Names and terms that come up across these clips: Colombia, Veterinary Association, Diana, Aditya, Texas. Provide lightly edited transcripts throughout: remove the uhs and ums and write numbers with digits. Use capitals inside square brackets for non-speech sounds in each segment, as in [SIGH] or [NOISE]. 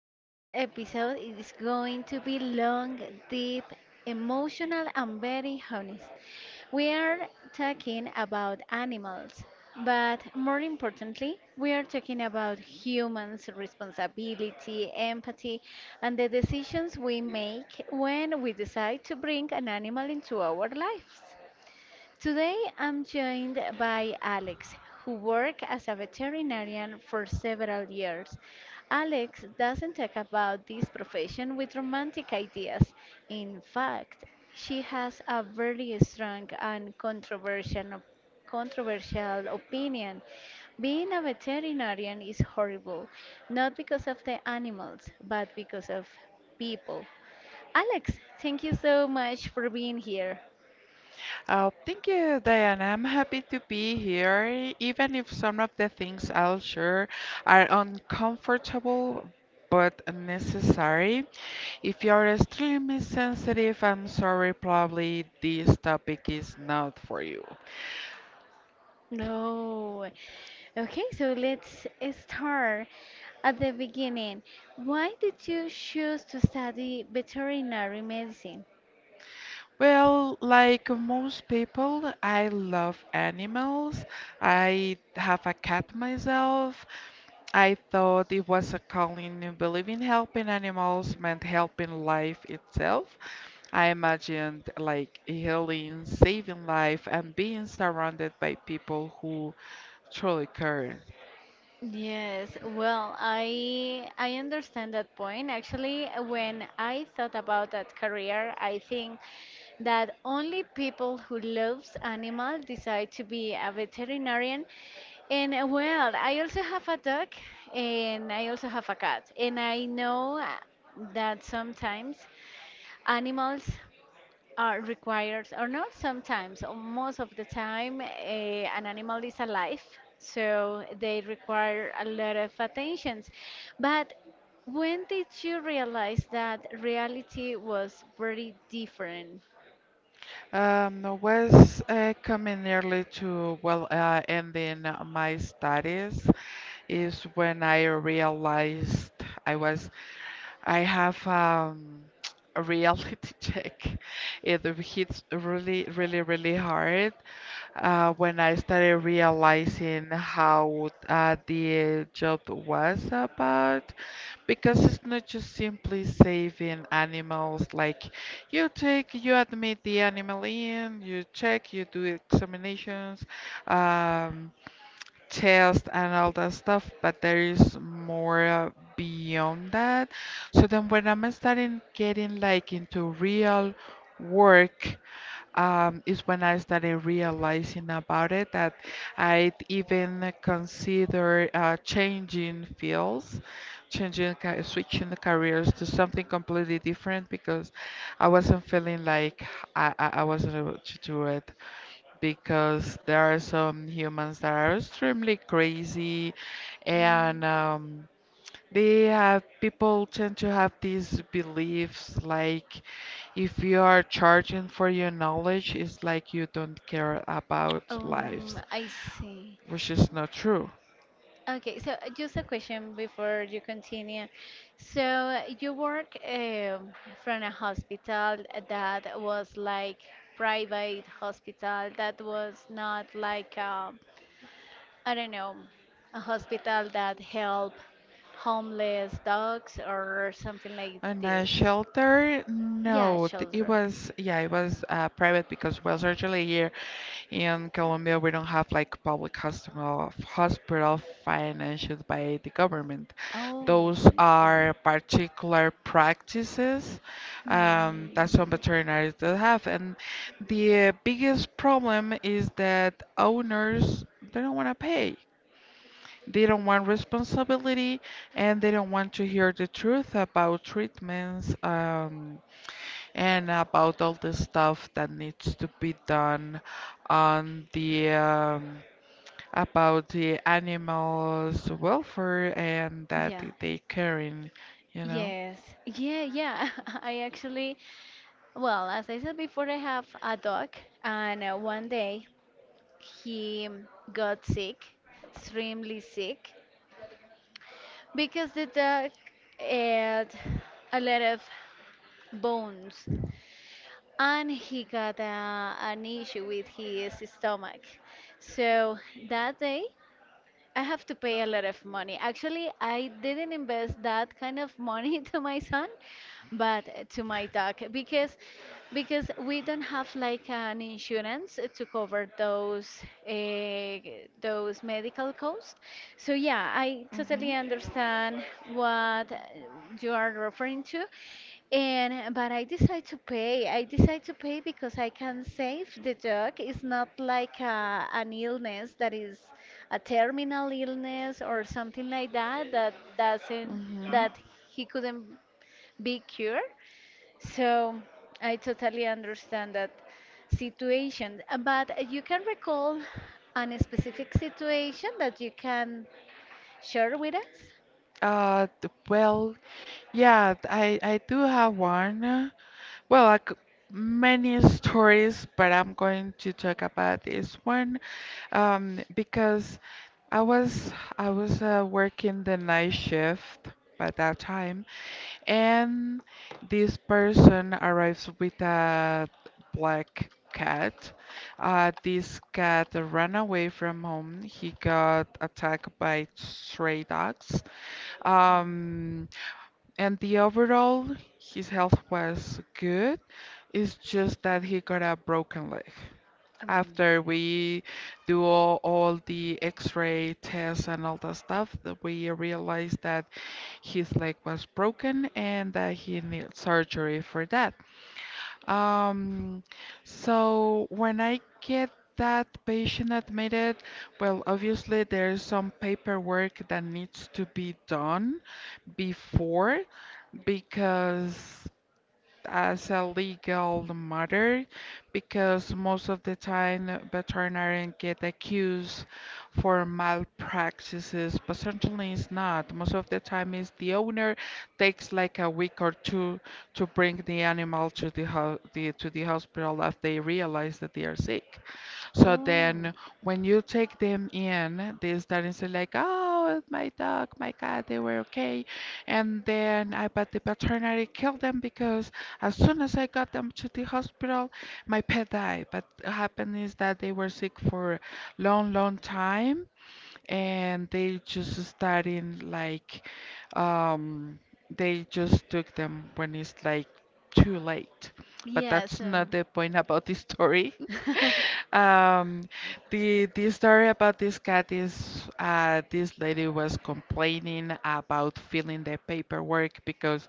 Today's episode is going to be long, deep, emotional, and very honest. We are talking about animals, but more importantly, we are talking about humans' responsibility, empathy, and the decisions we make when we decide to bring an animal into our lives. Today I'm joined by Alex, who worked as a veterinarian for several years. Alex doesn't talk about this profession with romantic ideas. In fact, she has a very strong and controversial opinion. Being a veterinarian is horrible, not because of the animals, but because of people. Alex, thank you so much for being here. Oh, thank you, Diana. I'm happy to be here, even if some of the things I'll share are uncomfortable but necessary. If you're extremely sensitive, I'm sorry, probably this topic is not for you. No. Okay, so let's start at the beginning. Why did you choose to study veterinary medicine? Well, like most people, I love animals. I have a cat myself. I thought it was a calling, in believing helping animals meant helping life itself. I imagined like healing, saving life, and being surrounded by people who truly cared. Yes, well, I understand that point. Actually, when I thought about that career, I think that only people who loves animals decide to be a veterinarian. And well, I also have a dog and I also have a cat. And I know that sometimes animals are required or not sometimes or most of the time an animal is alive, so they require a lot of attentions. But when did you realize that reality was very different? I was coming nearly to, well, ending my studies is when I realized I was, I have [TSK] a reality [LAUGHS] check. It hits really, really, really hard when I started realizing how the job was about, because it's not just simply saving animals. Like, you take, you admit the animal in, you check, you do examinations, um, tests, and all that stuff, but there is more beyond that. So then, when I'm starting getting like into real work, is when I started realizing about it, that I'd even consider changing fields, switching the careers to something completely different, because I wasn't feeling like I wasn't able to do it, because there are some humans that are extremely crazy, and they have people tend to have these beliefs like, if you are charging for your knowledge, it's like you don't care about lives, I see. which is not true. Okay, so just a question before you continue. So you work from a hospital that was like private hospital, that was not like a, I don't know, a hospital that help homeless dogs or something like And a this. shelter, Yeah, no, it children. was, yeah, it was private, because it was actually here in Colombia. We don't have like public hospital, hospital financed by the government. Oh, Those I see. are particular practices Hmm. that some veterinaries do have. And the biggest problem is that owners, they don't want to pay. They don't want responsibility, and they don't want to hear the truth about treatments. And about all the stuff that needs to be done on the about the animals' welfare, and that Yeah. they caring, you know. Yes. Yeah, yeah. [LAUGHS] I actually, well, as I said before, I have a dog, and one day he got sick, extremely sick, because the dog ate a lot of bones and he got an issue with his stomach. So that day, I have to pay a lot of money. Actually, I didn't invest that kind of money [LAUGHS] to my son, but to my dog, because we don't have like an insurance to cover those uh, medical costs. So yeah, I totally Mm-hmm. understand what you are referring to. And but I decide to pay. I decide to pay because I can save the dog. It's not like an illness that is a terminal illness or something like that, that Have. doesn't Mm-hmm. that he couldn't be cured. So I totally understand that situation. But you can recall an specific situation that you can share with us? Well, yeah, I do have one. Well, I c many stories, but I'm going to talk about this one because I was working the night shift by that time, and this person arrives with a black cat. This cat ran away from home. He got attacked by stray dogs. Um, and the overall, his health was good. It's just that he got a broken leg. Um, After we do all the x-ray tests and all that stuff, that we realized that his leg was broken and that he needs surgery for that. Um, so when I get that patient admitted, well, obviously there's some paperwork that needs to be done before, because as a legal matter, because most of the time veterinarians get accused for malpractices, but certainly it's not. Most of the time it's the owner takes like a week or two to bring the animal to the hospital if they realize that they are sick. So oh, then, when you take them in, they start and say like, "Oh, my dog, my cat, they were okay. And then but the veterinary killed them, because as soon as I got them to the hospital, my pet died." But what happened is that they were sick for long, long time, and they just starting like, um, they just took them when it's like too late. But yes. that's not the point about this story. [LAUGHS] [LAUGHS] [LAUGHS] Um, the story about this cat is, this lady was complaining about filling the paperwork, because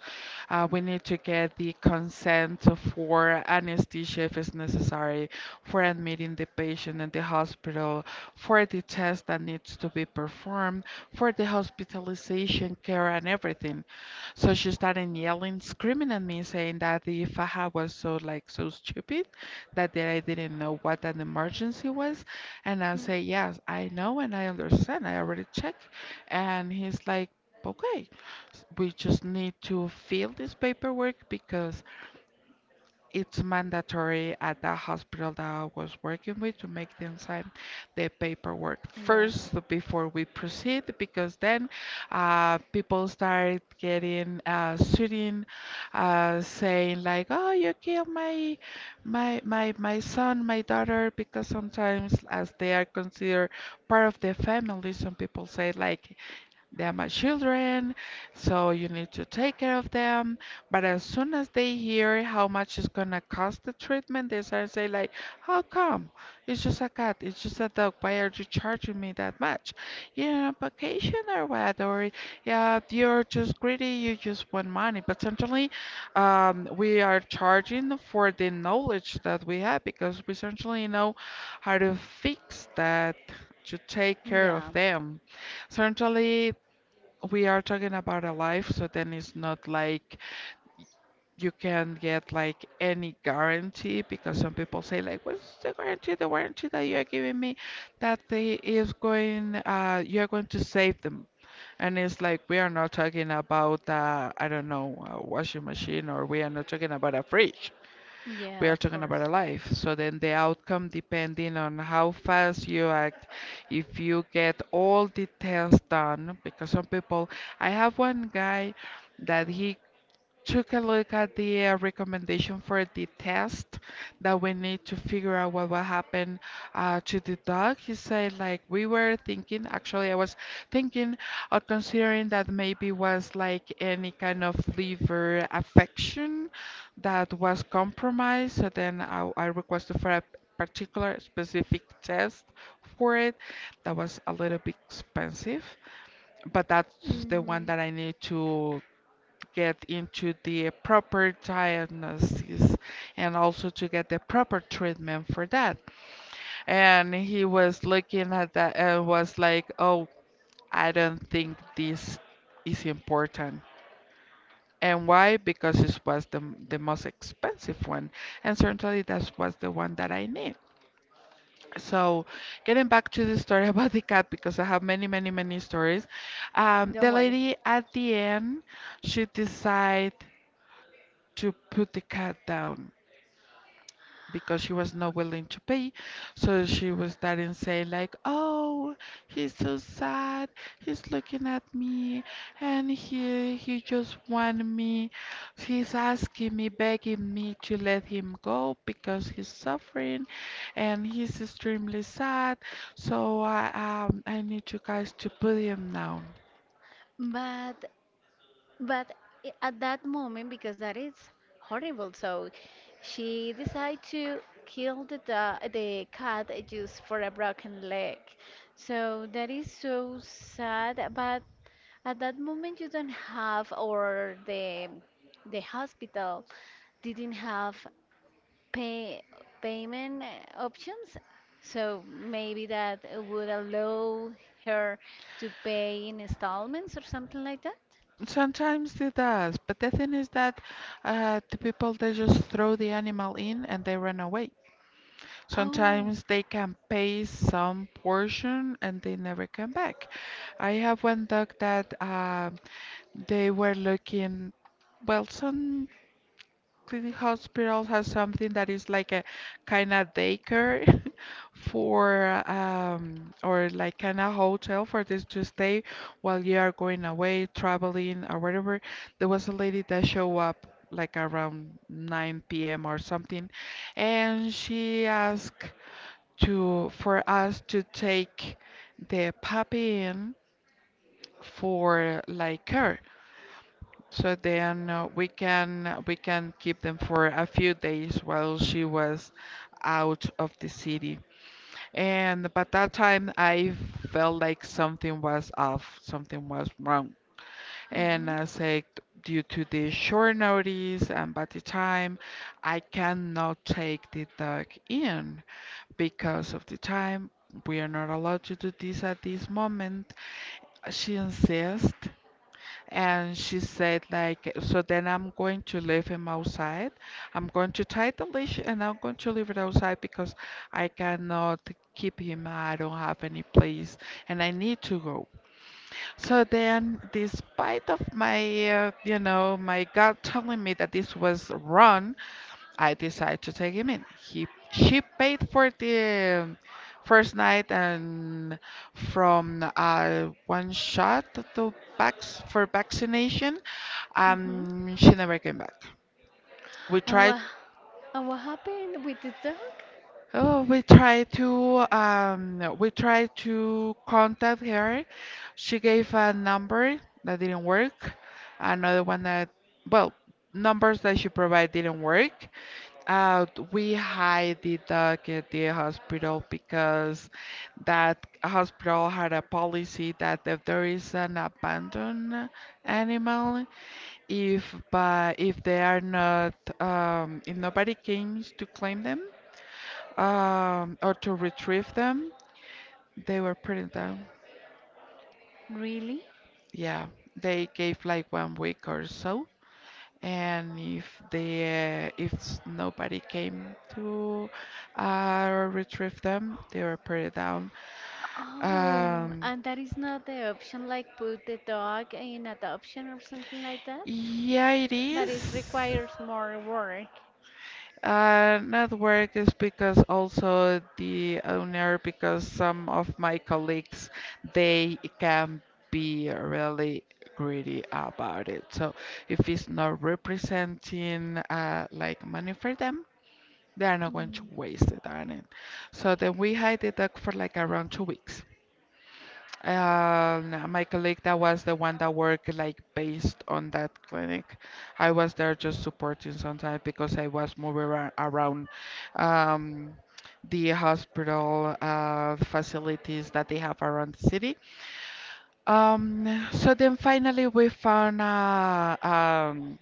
we need to get the consent for anesthesia if it's necessary, for admitting the patient in the hospital, for the test that needs to be performed, for the hospitalization care and everything. So she started yelling, screaming at me, saying that the faja was so like so stupid, that day I didn't know what an emergency was. And I say, yes, I know and I understand. I already checked. And he's like, okay, we just need to fill this paperwork, because it's mandatory at that hospital that I was working with to make them sign the paperwork Hmm. Yeah. first before we proceed, because then people start getting suiting, saying like, "Oh, you killed my son, my daughter," because sometimes, as they are considered part of the family, some people say like, they're my children, so you need to take care of them. But as soon as they hear how much it's gonna cost the treatment, they start to say like, how come? It's just a cat, it's just a dog. Why are you charging me that much? You're on vacation or what? Or yeah, you're just greedy, you just want money. But certainly, we are charging for the knowledge that we have, because we certainly know how to fix that, to take care of Yeah. them. Certainly, we are talking about a life, so then it's not like you can get like any guarantee, because some people say like, what's the guarantee? The warranty that you are giving me that you are going to save them. And it's like we are not talking about, I don't know, a washing machine, or we are not talking about a fridge, we Yeah, are of talking course. about a life. So then the outcome, depending on how fast you act, if you get all the tests done, because some people, I have one guy that he took a look at the recommendation for the test that we need to figure out what will happen to the dog. He said like, we were thinking, actually, I was thinking or considering that maybe was like any kind of liver affection that was compromised. So then I requested for a particular specific test for it that was a little bit expensive, but that's the one Mhm. that I need to get into the proper diagnosis, and also to get the proper treatment for that. And he was looking at that and was like, oh, I don't think this is important. And why? Because this was the, most expensive one. And certainly that was the one that I need. So getting back to the story [LAUGHS] about the cat, because I have many, many, many stories. The lady at the end, she decided to put the cat down because she was not willing to pay. So she was starting saying like, "Oh, he's so sad. He's looking at me, and he just want me. He's asking me, begging me to let him go because he's suffering, and he's extremely sad. So I need you guys to put him down." But but at that moment, because that is horrible, so she decided to kill the the cat just for a broken leg. So that is so sad. But at that moment, you don't have, or the hospital didn't have pay payment options. So maybe that would allow her to pay in installments or something like that. Sometimes it does, but the thing is that the people, they just throw the animal in and they run away. Oh. Sometimes they can pay some portion and they never come back. I have one dog that they were looking, well, some Clinic Hospital has something that is like a kind of daycare [LAUGHS] for or like kind of hotel for this to stay while you are going away, traveling or whatever. There was a lady that showed up like around 9 p.m. or something, and she asked to for us to take the puppy in for like care. So then we can keep them for a few days while she was out of the city. And but that time I felt like something was off, something was wrong. And Mhm. I said, due to the short notice and by the time, I cannot take the dog in because of the time, we are not allowed to do this at this moment. She insists and she said like, so then I'm going to leave him outside. I'm going to tie the leash and I'm going to leave it outside, because I cannot keep him. I don't have any place and I need to go. So then, despite of my gut telling me that this was wrong, I decided to take him in. He she paid for the first night and from one shot to vax for vaccination. Mhm. She never came back. We And tried. what and what happened with the dog? Oh, we tried to contact her. She gave a number that didn't work. Another one that well, numbers that she provided didn't work. Uh, we hide the dog at the hospital, because that hospital had a policy that if there is an abandoned animal, if they are not if nobody came to claim them or to retrieve them, they were putting down. Really? Yeah, they gave like one week or so, and if they, if s- nobody came to retrieve them, they were put it down. Oh, Um, and that is not the option, like put the dog in adoption or something like that, yeah, it but it is. requires more work. Not work is, because also the owner, because some of my colleagues, they can be really greedy about it. So if it's not representing like money for them, they are not going to Mm. waste it, darn it. So then we hide the duck for like around 2 weeks. My colleague that was the one that worked like based on that clinic. I was there just supporting sometimes because I was moving around um, the hospital facilities that they have around the city. So then finally we found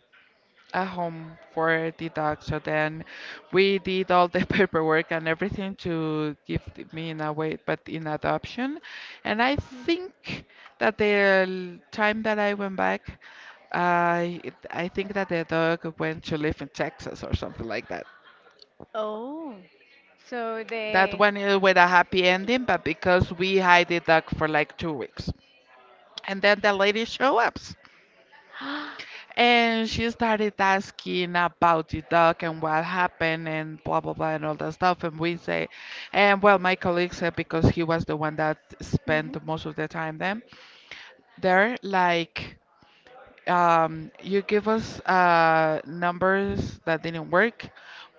a home for the dog. So then we did all the [LAUGHS] paperwork and everything to give me in a way, but in adoption. And I Mm. think that the time that I went back, I I think that the dog went to live in Texas or something like that. Oh, so That they. one is with a happy ending, but because we hid the dog for like 2 weeks, and then the lady show up. [GASPS] And she started asking about the dog and what happened and blah blah blah and all that stuff. And we say, and well, my colleague said, because he was the one that Mhm. spent most of the time then there, like, you give us numbers that didn't work.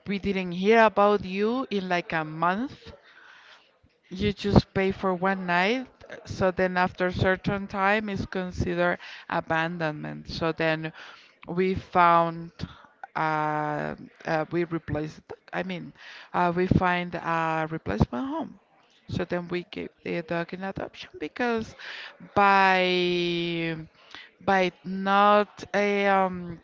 We didn't hear about you in like a month. You just pay for one night, so then after certain time is considered abandonment. So then we found uh, we replaced I mean we find a replacement home. So then we gave the dog in adoption because by by not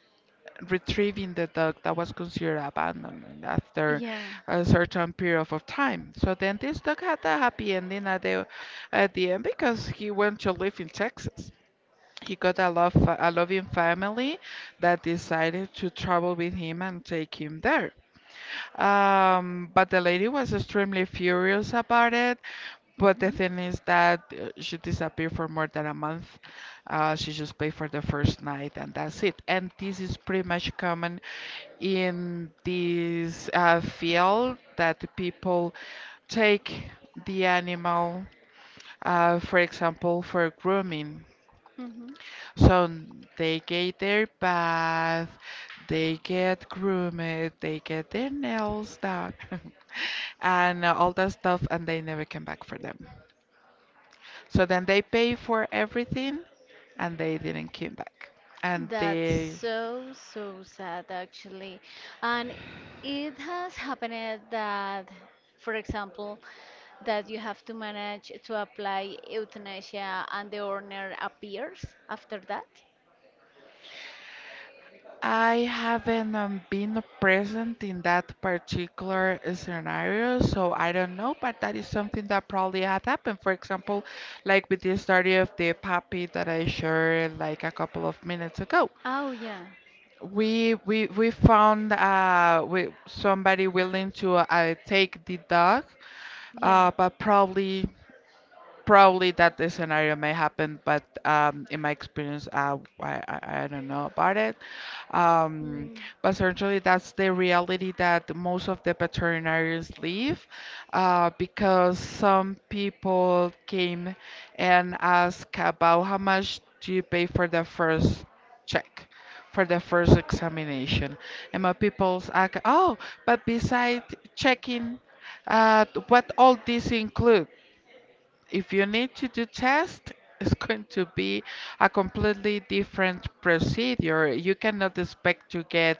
retrieving the dog that was considered abandoned after Yeah. a certain period of time. So then this dog had a happy ending at the end because he went to live in Texas. He got a love a loving family that decided to travel with him and take him there. But the lady was extremely furious about it. But the Mhm. thing is that she disappeared for more than a month. She just paid for the first night, and that's it. And this is pretty much common in this field that people take the animal, for example, for grooming. Mhm. So they get their bath, they get groomed, they get their nails done, [LAUGHS] and all that stuff, and they never came back for them. So then they pay for everything, and they didn't come back. And That's they so, so sad actually. And it has happened that, for example, that you have to manage to apply euthanasia and the owner appears after that? I haven't been present in that particular scenario, so I don't know, but that is something that probably had happened. For example, like with the story of the puppy that I shared like a couple of minutes ago. Oh, yeah. We found we somebody willing to take the dog, Yeah. But probably that the scenario may happen, but in my experience, I don't know about it. Um, Mm. but certainly, that's the reality that most of the veterinarians live, because some people came and asked about how much do you pay for the first check. For the first examination, and my people's ask, oh, but beside checking, what all this include? If you need to do test, it's going to be a completely different procedure. You cannot expect to get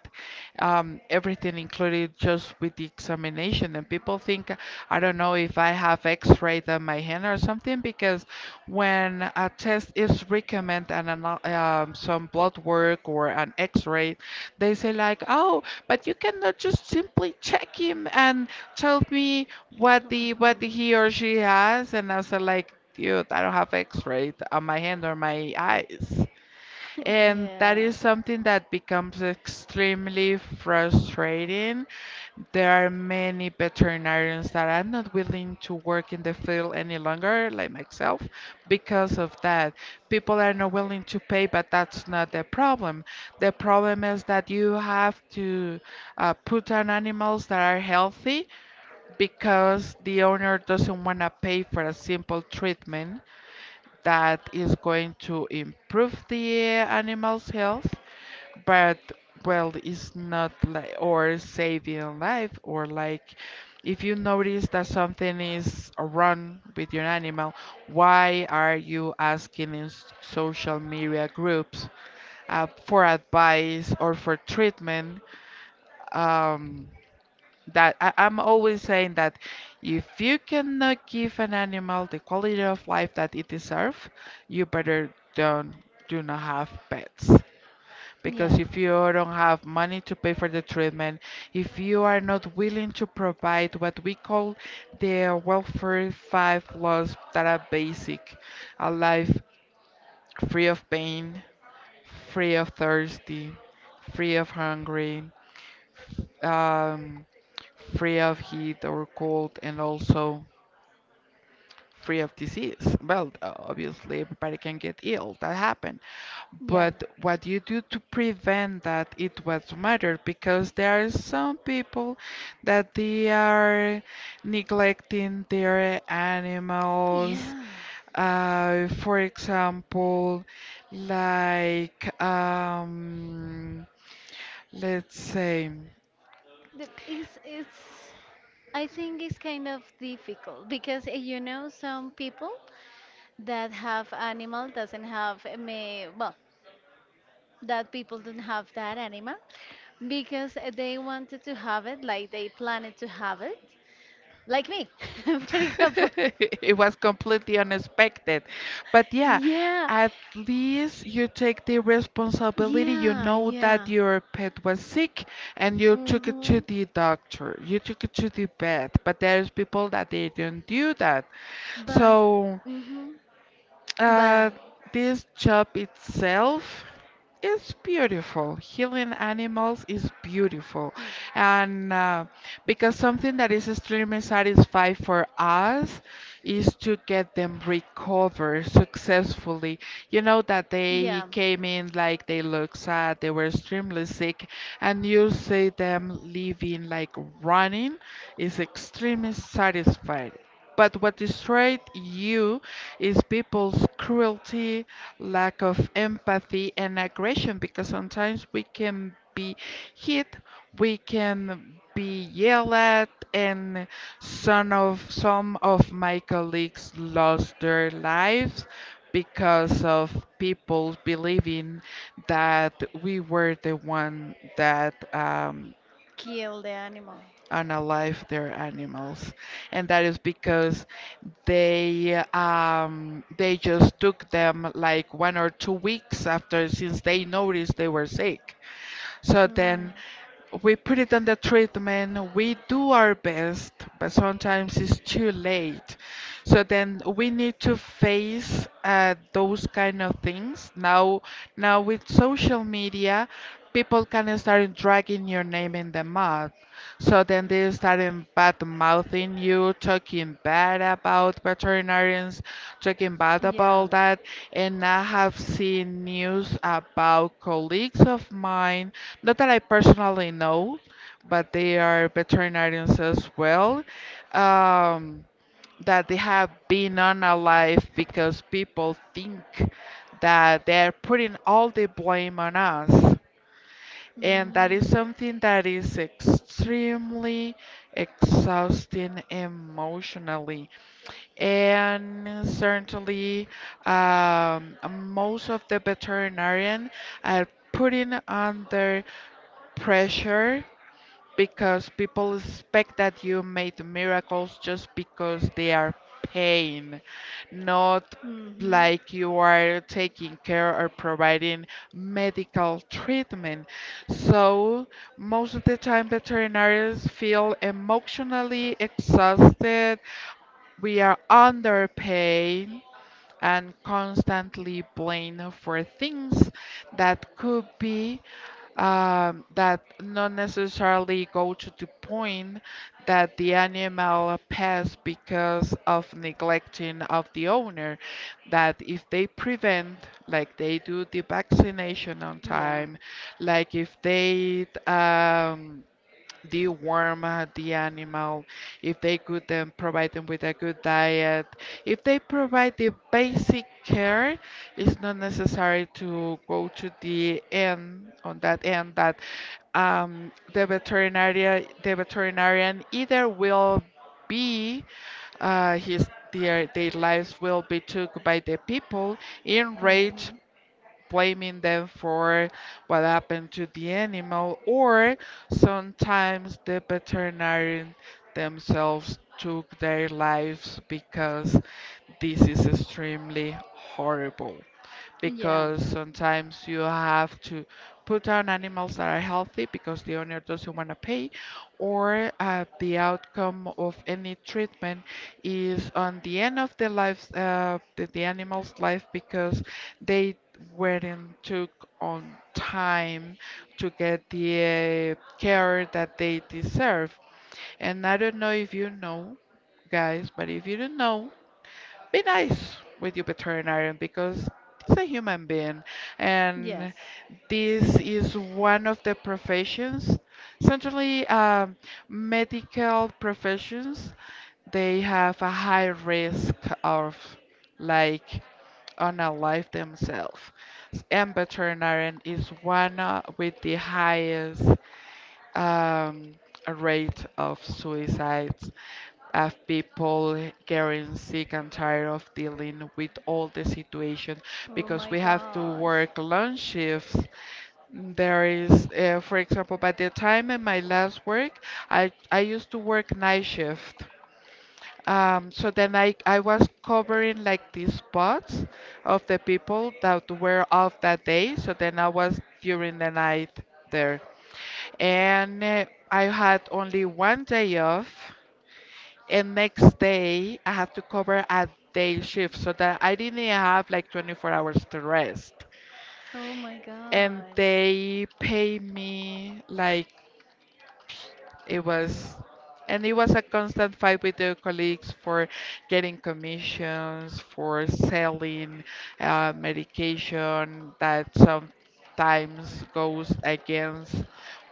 everything included just with the examination. And people think, I don't know if I have X-rayed on my hand or something, because when a test is recommended and an, some blood work or an X-ray, they say like, oh, but you cannot just simply check him and told me what the Mhm. he [LAUGHS] or she has, and I was like, dude, I don't have X-ray on my hand or my eyes, and that Yeah. is something that becomes extremely frustrating. There are many veterinarians that are not willing to work in the field any longer, like myself, because of that. People are not willing to pay, but that's not the problem. The problem is that you have to put on animals that are healthy because the owner doesn't want to pay for a simple treatment that is going to improve the animal's health, but well, it's not like or saving life or like if you notice that something is wrong with your animal, why are you asking in social media groups for advice or for treatment? Um, that I'm always saying that if you cannot give an animal the quality of life that it deserves, you better don't do not have pets. Yeah. Because if you don't have money to pay for the treatment, if you are not willing to provide what we call the welfare five laws that are basic, a life free of pain, free of thirsty, free of hungry, um, free of heat or cold and also free of disease. Well, obviously everybody can get ill, that happened. Yeah. But what you do to prevent that it was matter because there are some people that they are neglecting their animals. Yeah, For example, like let's say the, it's it's. I think it's kind of difficult because you know, some people that have animal doesn't have may well, that people don't have that animal because they wanted to have it, like they planned to have it, like me, [LAUGHS] for example. [LAUGHS] it was completely unexpected. But yeah, Yeah, at least you take the responsibility. You yeah, know that yeah. your pet was sick and you took it to Mhm. the doctor. You took it to the vet. But there's people that they don't do that. But, So mhm. uh, But, this job itself is beautiful. Healing animals is beautiful. mm, And because something that is extremely satisfying for us is to get them recover successfully. You know that they yeah. came in like they look sad, they were extremely sick, and you see them living like running is extremely satisfied. But what destroyed you is people's cruelty, lack of empathy, and aggression because sometimes we can be hit, we can be yelled at, and some of my colleagues lost their lives because of people believing that we were the one that Kill the animal. unalived their animals and that is because they just took them like 1 or 2 weeks after since they noticed they were sick. So Mm. then we put it on the treatment, we do our best, but sometimes it's too late. So then we need to face those kind of things. Now, now with social media, people can start dragging your name in the mud. So then they started bad mouthing you, talking bad about veterinarians, talking bad Yeah. about that. And I have seen news about colleagues of mine, not that I personally know, but they are veterinarians as well. Um, that they have been on a life because people think that they're putting all the blame on us. Mm. And that is something that is extremely exhausting emotionally. And certainly, most of the veterinarian are putting under pressure because people expect that you made miracles just because they are paying, not Hmm. like you are taking care or providing medical treatment. So most of the time veterinarians feel emotionally exhausted. We are underpaid and constantly blamed for things that could be that not necessarily go to the point that the animal pass because of neglecting of the owner that if they prevent like they do the vaccination on Yeah. time like if they deworm the animal, if they could then provide them with a good diet, if they provide the basic care, it's not necessary to go to the end on that end that the veterinarian either will be his their lives will be took by the people enraged blaming them for what happened to the animal, or sometimes the veterinarian themselves took their lives because this is extremely horrible Hmm. because sometimes you have to put down animals that are healthy because the owner doesn't want to pay, or the outcome of any treatment is on the end of the life, the animal's life because they weren't took on time to get the care that they deserve. And I don't know if you know, guys, but if you don't know, be nice with your veterinarian because it's a human being Yes. and this is one of the professions certainly medical professions they have a high risk of like on a life themselves and veterinarian is one with the highest um, rate of suicides of people getting sick and tired of dealing with all the situation because we have to work long shifts. There is, for example, by the time in my last work, I used to work night shift. So then I was covering like these spots of the people that were off that day. So then I was during the night there. And I had only one day off and next day I have to cover a day shift so that I didn't have like 24 hours to rest. Oh my, And and they pay me like it was, and it was a constant fight with the colleagues for getting commissions, for selling medication that sometimes goes against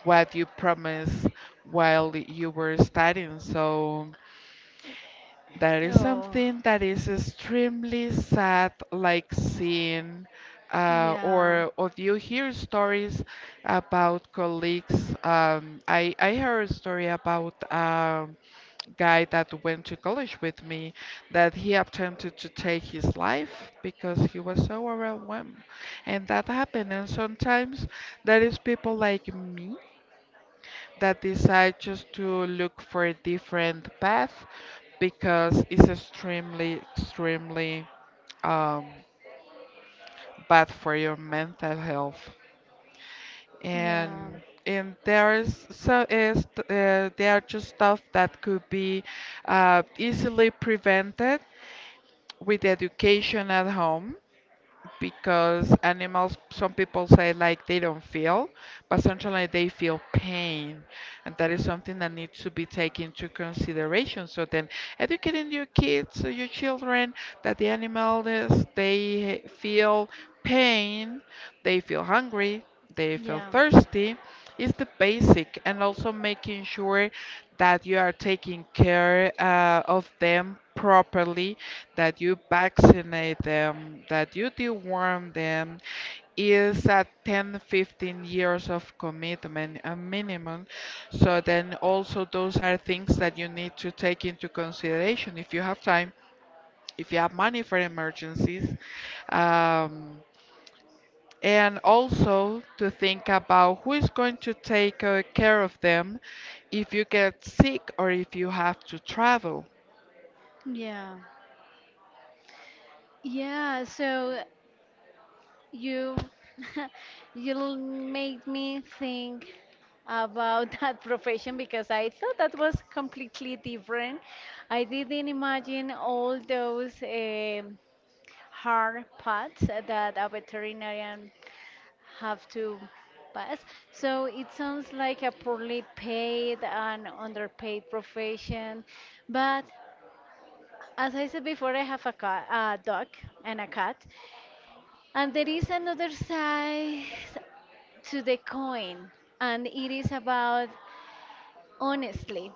what you promised while you were studying. So that is something that is extremely sad, like seeing or you hear stories about colleagues. I heard a story about guy that went to college with me that he attempted to take his life because he was so overwhelmed, and that happened. And sometimes there is people like me that decide just to look for a different path because it's extremely, extremely um, bad for your mental health. yeah. And and there is there are just stuff that could be easily prevented with education at home because animals, some people say like they don't feel, but sometimes they feel pain, and that is something that needs to be taken into consideration. So then, educating your kids, or your children, that the animals they feel pain, they feel hungry, they feel Yeah. thirsty, is the basic, and also making sure that you are taking care of them properly that you vaccinate them, that you deworm them, is at 10, 15 years of commitment, a minimum. So then also those are things that you need to take into consideration if you have time, if you have money for emergencies. Um, and also to think about who is going to take care of them if you get sick or if you have to travel. Yeah. Yeah, so you [LAUGHS] you made me think about [LAUGHS] that profession, because I thought that was completely different. I didn't imagine all those hard parts that a veterinarian have to pass. So it sounds like a poorly paid and underpaid profession. But as I said before, I have a cat, a dog and a cat. And there is another side to the coin, and it is about honestly.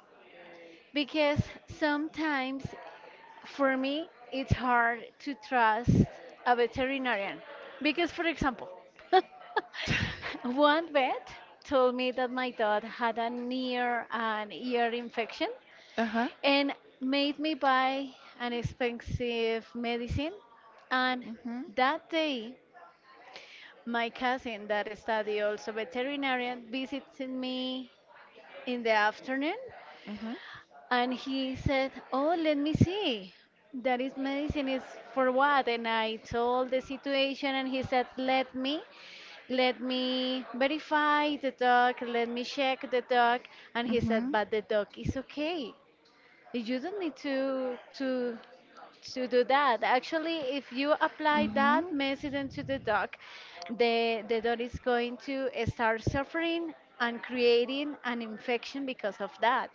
Because sometimes, for me, it's hard to trust a veterinarian because, for example, [LAUGHS] [LAUGHS] one vet told me that my dog had an ear and ear infection Uh-huh. and made me buy an expensive medicine. And Mhm. that day, my cousin that study also veterinarian visited me in the afternoon, Mhm. and he said, "Oh, let me see. That is medicine is for what?" And I told the situation and he said, let me verify the dog, let me check the dog." And he said, Mhm. "But the dog is okay. You don't need to do that. Actually, if you apply Mm-hmm. that medicine to the dog, the dog is going to start suffering and creating an infection because of that."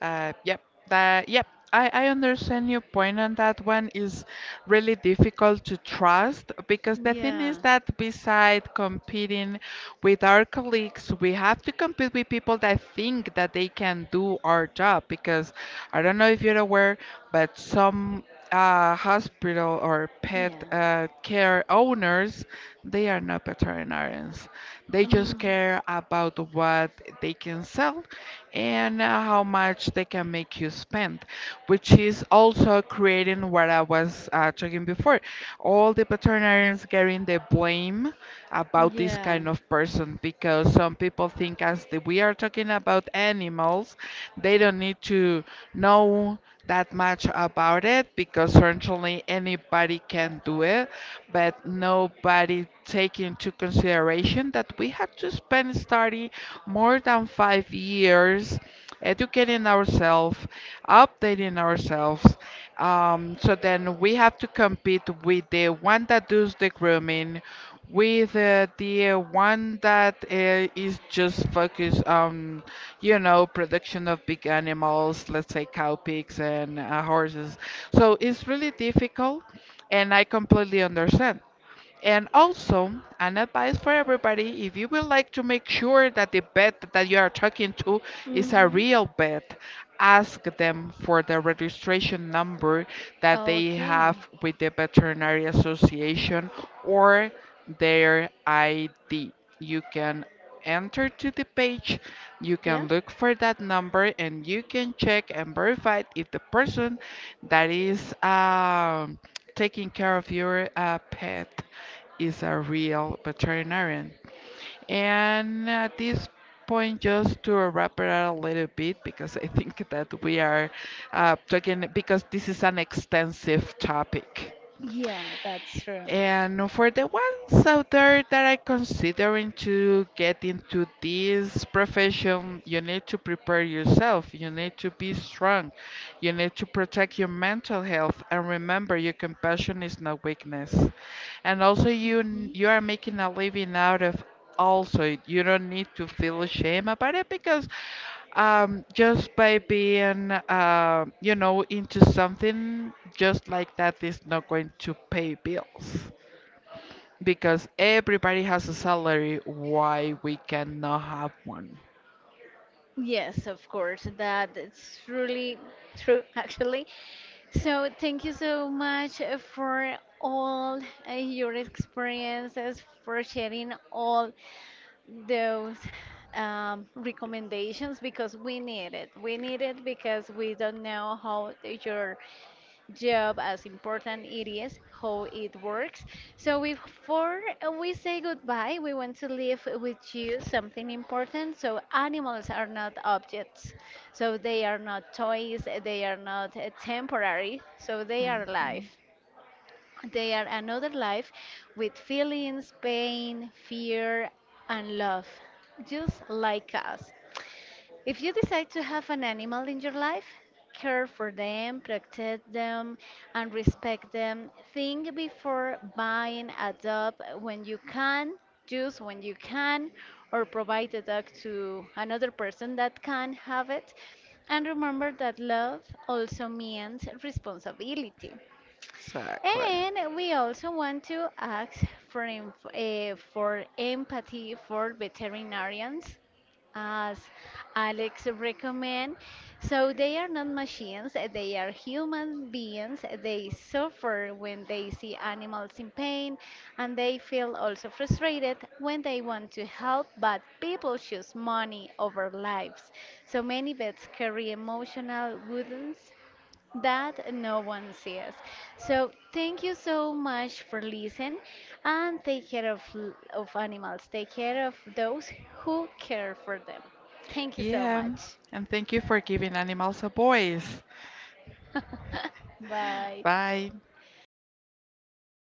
Yep, yep. I understand your point on that one is really difficult to trust because the thing is that beside competing with our colleagues, we have to compete with people that think that they can do our job because I don't know if you're aware, but some hospital or pet care owners they are not veterinarians. They just care about what they can sell and how much they can make you spend, which is also creating what I was talking before. All the veterinarians getting the blame about this kind of person because some people think as the, we are talking about animals, they don't need to know that much about it because certainly anybody can do it, but nobody take into consideration that we have to spend study more than 5 years educating ourselves, updating ourselves, so then we have to compete with the one that does the grooming, with the one that is just focused on, you know, production of big animals, let's say cow, pigs, and horses. So it's really difficult, and I completely understand. And also, an advice for everybody if you would like to make sure that the vet that you are talking to is a Hmm. real vet, ask them for the registration number that they Okay. have with the Veterinary Association or their ID. You can enter to the page, you Yeah. can look for that number, and you can check and verify if the person that is taking care of your pet is a real veterinarian. And at this point, just to wrap it up a little bit, because I think that we are talking, because this is an extensive topic. Yeah, that's true. And for the ones out there that are considering to get into this profession, you need to prepare yourself. You need to be strong. You need to protect your mental health. And remember, your compassion is not weakness. And also, Mhm. you are making a living out of. Also, you don't need to feel shame about it because just by being, you know, into something just like that is not going to pay bills. Because everybody has a salary, why we cannot have one? Yes, of course. That it's really true, [LAUGHS] actually. So, thank you so much for all your experiences, for sharing all. Those recommendations, because we need it. We need it because we don't know how your job, as important it is, how it works. So before we say goodbye, we want to leave with you something important. So animals are not objects. So they are not toys. They are not temporary. So they are alive. Mhm. They are another life with feelings, pain, fear, and love, just like us. If you decide to have an animal in your life, care for them, protect them, and respect them. Think before buying, adopt when you can, choose when you can, or provide the dog to another person that can have it. And remember that love also means responsibility. Exactly. And we also want to ask for empathy for veterinarians, as Alex recommend. So they are not machines, they are human beings. They suffer when they see animals in pain, and they feel also frustrated when they want to help, but people choose money over lives. So many vets carry emotional wounds that no one sees. So thank you so much for listening and take care of animals. Take care of those who care for them. Thank you so Yeah, much. and thank you for giving animals a voice. Bye. Bye.